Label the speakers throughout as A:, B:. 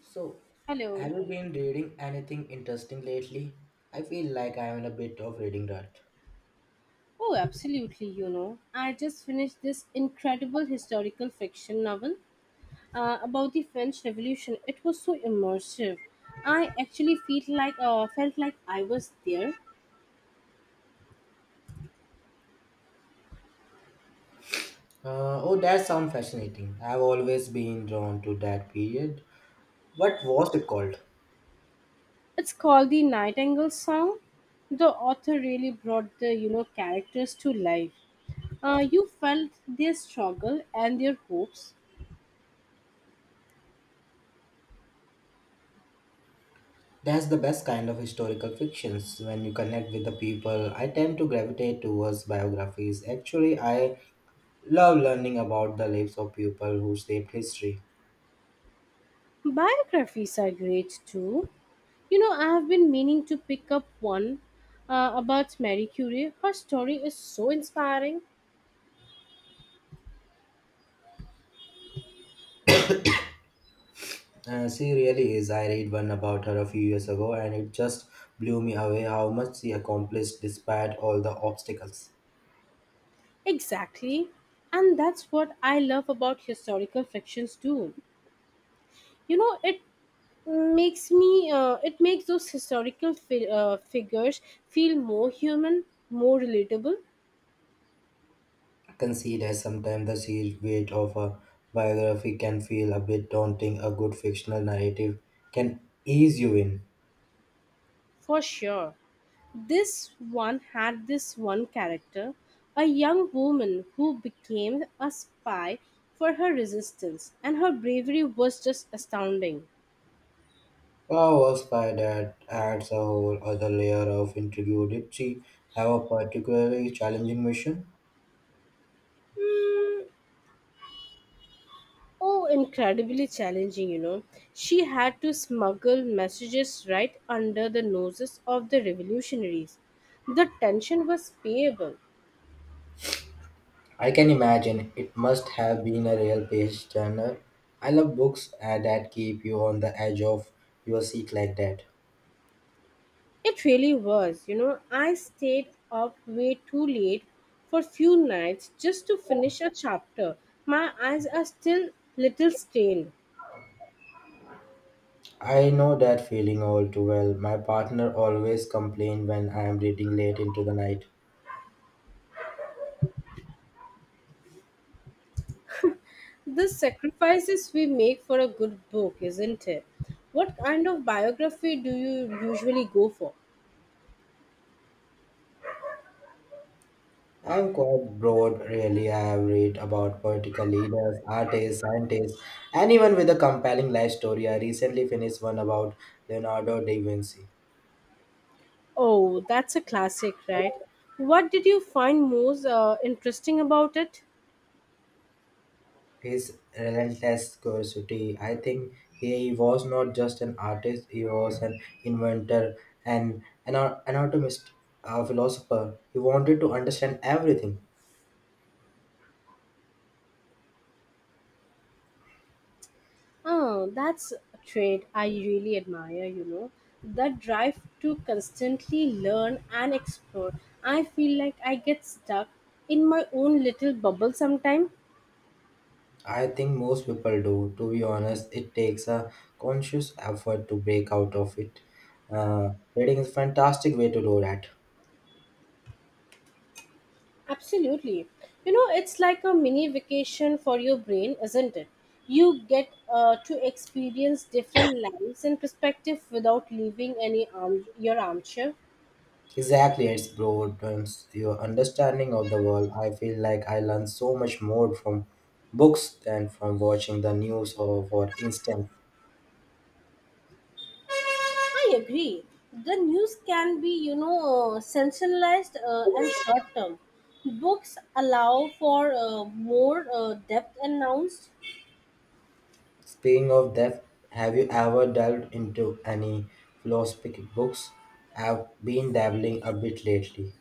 A: So, have
B: Hello.
A: you been reading anything interesting lately? I feel like I am in a bit of reading rut.
B: Oh, absolutely. I just finished this incredible historical fiction novel about the French Revolution. It was so immersive. I actually feel like felt like I was there.
A: Oh, that sounds fascinating. I've always been drawn to that period. What was it called?
B: It's called The Nightingale Song. The author really brought the characters to life. You felt their struggle and their hopes.
A: That's the best kind of historical fictions. When you connect with the people, I tend to gravitate towards biographies. Actually, I love learning about the lives of people who shaped history.
B: Biographies are great too. I have been meaning to pick up one about Marie Curie. Her story is so inspiring.
A: She really is. I read one about her a few years ago, and it just blew me away how much she accomplished despite all the obstacles.
B: Exactly. And that's what I love about historical fictions too. You know, it it makes those historical figures feel more human, more relatable,
A: I can see that sometimes the sheer weight of a biography can feel a bit daunting. A good fictional narrative can ease you in.
B: for sure. This one had this one character, a young woman who became a spy for her resistance, and her bravery was just astounding.
A: Wow, was by that adds a whole other layer of intrigue. Did she have a particularly challenging mission?
B: Oh, incredibly challenging. She had to smuggle messages right under the noses of the revolutionaries. The tension was payable.
A: I can imagine it must have been a real page turner. I love books that keep you on the edge of your seat like that.
B: It really was. I stayed up way too late for few nights just to finish a chapter. My eyes are still little strained.
A: I know that feeling all too well. My partner always complains when I am reading late into the night.
B: The sacrifices we make for a good book, isn't it? What kind of biography do you usually go for?
A: I am quite broad, really. I have read about political leaders, artists, scientists, anyone with a compelling life story. I recently finished one about Leonardo da Vinci.
B: Oh, that's a classic, right? What did you find most interesting about it?
A: His relentless curiosity. I think he was not just an artist, he was an inventor, anatomist, a philosopher. He wanted to understand everything.
B: Oh, that's a trait I really admire. That drive to constantly learn and explore. I feel like I get stuck in my own little bubble sometimes.
A: I think most people do, to be honest. It takes a conscious effort to break out of it. Reading is a fantastic way to do that.
B: Absolutely. It's like a mini vacation for your brain, isn't it? You get to experience different lives and perspective without leaving any arm your armchair.
A: Exactly, it's broadens your understanding of the world. I feel like I learn so much more from books than from watching the news or for instance.
B: I agree. The news can be sensationalized and short term. Books allow for more depth announced
A: Speaking of that, have you ever delved into any philosophical books? I've been dabbling a bit lately.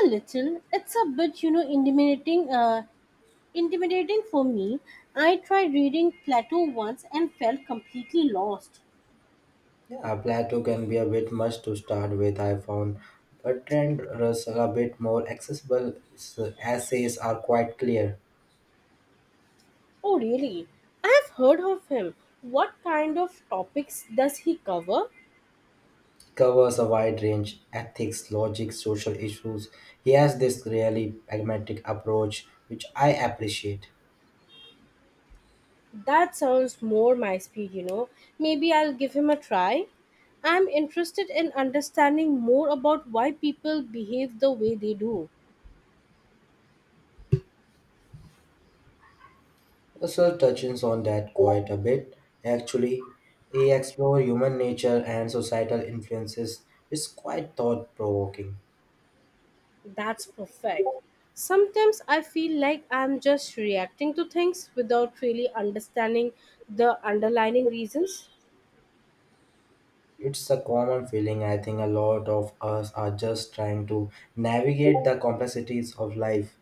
B: a little. It's a bit intimidating. Intimidating for me. I tried reading Plato once and felt completely lost.
A: Yeah, Plato can be a bit much to start with, I found. Bertrand Russell a bit more accessible. His essays are quite clear.
B: Oh, really? I have heard of him. What kind of topics does he cover?
A: Covers a wide range, ethics, logic, social issues. He has this really pragmatic approach, which I appreciate.
B: That sounds more my speed. Maybe I'll give him a try. I'm interested in understanding more about why people behave the way they do.
A: So touches on that quite a bit actually. He explores human nature and societal influences. It's quite thought provoking.
B: That's perfect. Sometimes I feel like I'm just reacting to things without really understanding the underlying reasons.
A: It's a common feeling. I think a lot of us are just trying to navigate the complexities of life.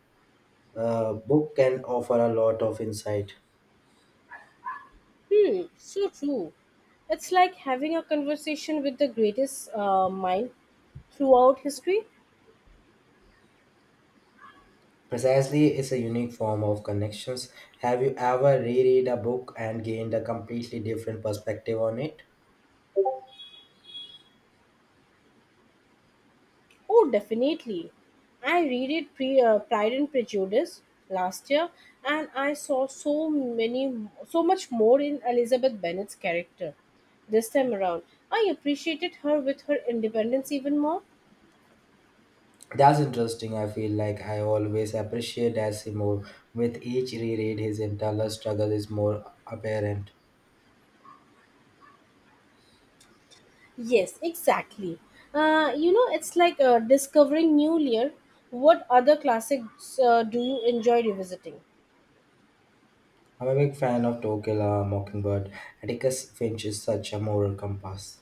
A: A book can offer a lot of insight.
B: Hmm, so true. It's like having a conversation with the greatest mind throughout history.
A: Precisely, it's a unique form of connections. Have you ever reread a book and gained a completely different perspective on it?
B: Oh, definitely. I read it pre Pride and Prejudice last year, and I saw so much more in Elizabeth Bennet's character. This time around, I appreciated her with her independence even more.
A: That's interesting. I feel like I always appreciate Darcy more. With each reread, his internal struggle is more apparent.
B: Yes, exactly. It's like discovering new layer. What other classics do you enjoy revisiting?
A: I'm a big fan of To Kill a Mockingbird. Atticus Finch is such a moral compass.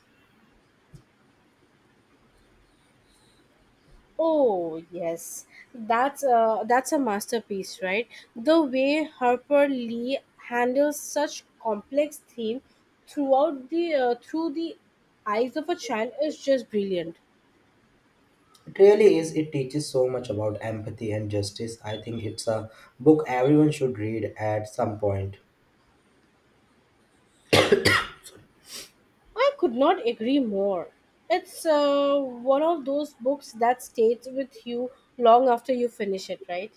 B: Oh yes, that's a masterpiece, right? The way Harper Lee handles such complex theme through the eyes of a child is just brilliant.
A: It really is. It teaches so much about empathy and justice. I think it's a book everyone should read at some point.
B: I could not agree more. It's one of those books that stays with you long after you finish it, right?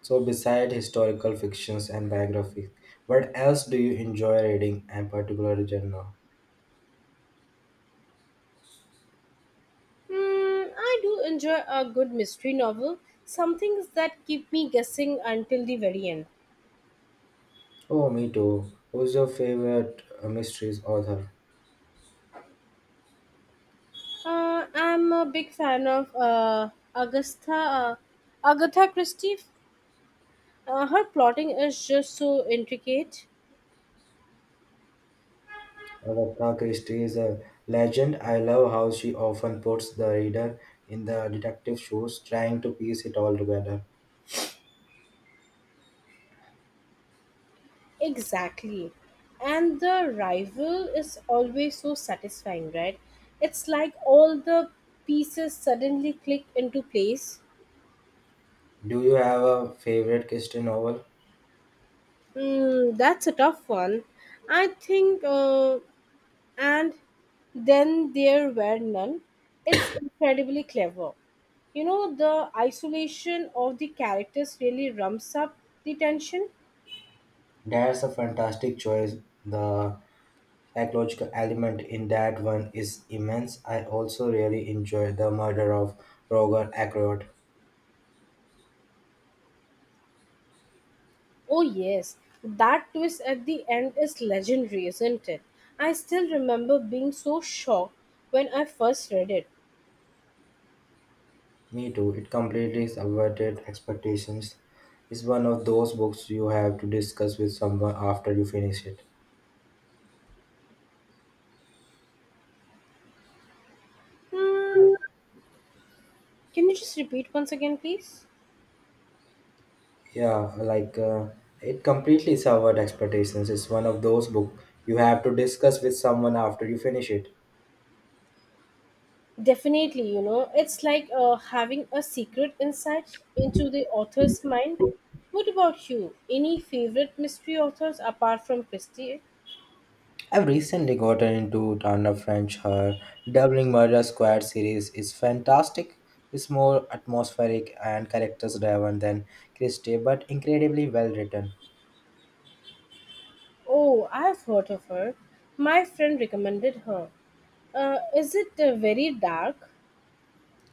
A: So, beside historical fictions and biographies, what else do you enjoy reading and particular genre?
B: Mm, I do enjoy a good mystery novel, some things that keep me guessing until the very end.
A: Oh, me too. Who's your favorite mysteries author?
B: I'm a big fan of Agatha Christie. Her plotting is just so intricate.
A: Agatha Christie is a legend. I love how she often puts the reader in the detective shoes, trying to piece it all together.
B: Exactly. And the rival is always so satisfying, right? It's like all the pieces suddenly click into place.
A: Do you have a favorite Christie novel?
B: Mm, that's a tough one. I think And Then There Were None. It's incredibly clever. The isolation of the characters really rumps up the tension.
A: That's a fantastic choice. The psychological element in that one is immense. I also really enjoyed the murder of Roger Ackroyd.
B: Oh, yes, that twist at the end is legendary, isn't it? I still remember being so shocked when I first read it.
A: Me too. It completely subverted expectations. It's one of those books you have to discuss with someone after you finish it.
B: Hmm, can you just repeat once again, please?
A: Yeah, it completely subverted expectations. It's one of those books you have to discuss with someone after you finish it.
B: Definitely, it's like having a secret insight into the author's mind. What about you? Any favorite mystery authors apart from Christie?
A: I've recently gotten into Tana French. Her Doubling Murder Squad series is fantastic. It's more atmospheric and characters driven than Christie, but incredibly well written.
B: Oh, I've heard of her. My friend recommended her. Is it very dark?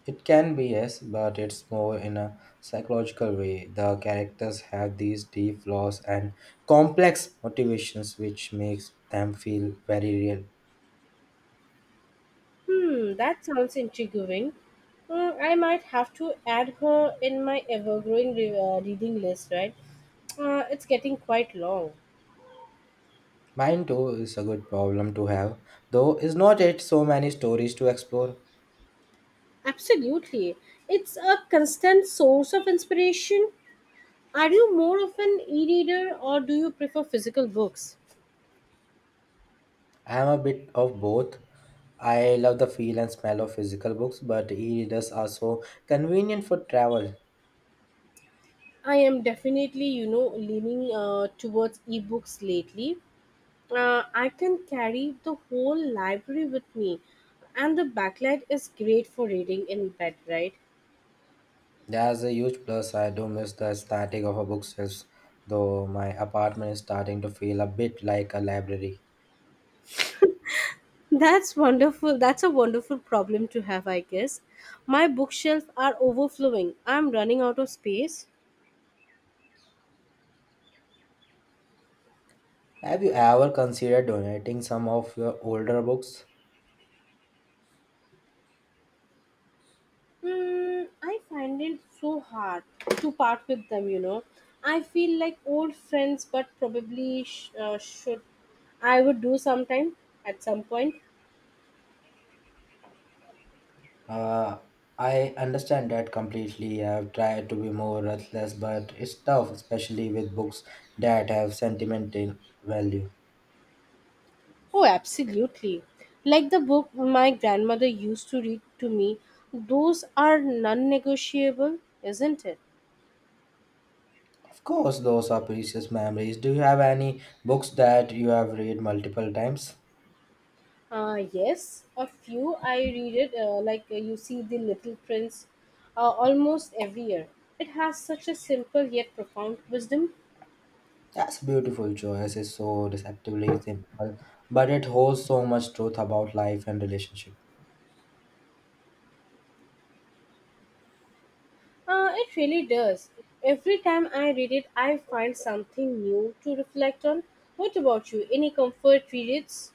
A: It can be, yes, but it's more in a psychological way. The characters have these deep flaws and complex motivations, which makes them feel very real.
B: Hmm, that sounds intriguing. I might have to add her in my ever growing reading list, right? It's getting quite long.
A: Mine too is a good problem to have, though is not it so many stories to explore.
B: Absolutely. It's a constant source of inspiration. Are you more of an e reader or do you prefer physical books?
A: I'm a bit of both. I love the feel and smell of physical books, but e-readers are so convenient for travel.
B: I am definitely, leaning towards ebooks lately. I can carry the whole library with me, and the backlight is great for reading in bed, right?
A: That's a huge plus. I do miss the static of a bookshelf, though my apartment is starting to feel a bit like a library.
B: That's wonderful. That's a wonderful problem to have, I guess. My bookshelf are overflowing. I'm running out of space.
A: Have you ever considered donating some of your older books?
B: Mm, I find it so hard to part with them. I feel like old friends, but probably should I would do sometime at some point.
A: Uh, I understand that completely. I've tried to be more ruthless, but it's tough, especially with books that have sentimental value.
B: Oh, absolutely. Like the book my grandmother used to read to me, those are non negotiable, isn't it?
A: Of course, those are precious memories. Do you have any books that you have read multiple times?
B: Yes, a few I read it, like you see The Little Prince almost every year. It has such a simple yet profound wisdom.
A: That's a beautiful choice. It's so deceptively simple, but it holds so much truth about life and relationship.
B: It really does. Every time I read it, I find something new to reflect on. What about you? Any comfort reads?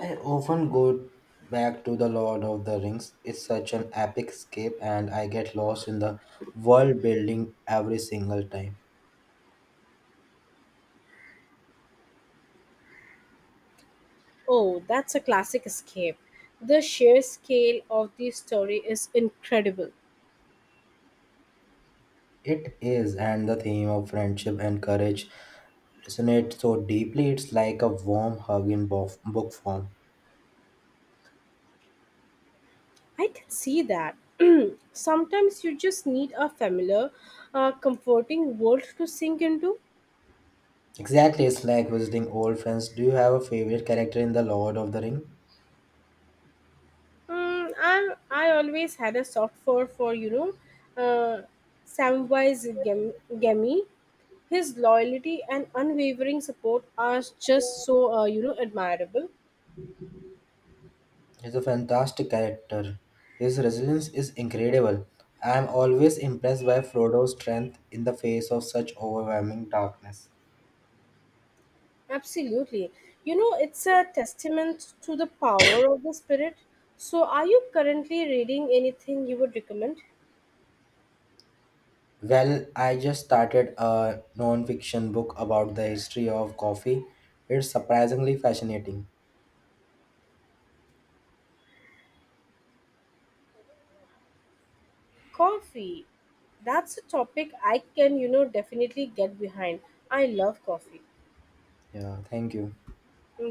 A: I often go back to The Lord of the Rings. It's such an epic escape, and I get lost in the world building every single time.
B: Oh, that's a classic escape. The sheer scale of the story is incredible.
A: It is, and the theme of friendship and courage resonates so deeply. It's like a warm hug in book form.
B: I can see that. Sometimes you just need a familiar, comforting world to sink into.
A: Exactly, it's like visiting old friends. Do you have a favorite character in The Lord of the Ring?
B: Mm, I always had a soft for uh, Samwise Gamgee. His loyalty and unwavering support are just so admirable.
A: He's a fantastic character. His resilience is incredible. I am always impressed by Frodo's strength in the face of such overwhelming darkness.
B: Absolutely, it's a testament to the power of the spirit. So, are you currently reading anything you would recommend?
A: Well, I just started a non-fiction book about the history of coffee. It's surprisingly fascinating.
B: Coffee. That's a topic I can definitely get behind. I love coffee.
A: Yeah, thank you.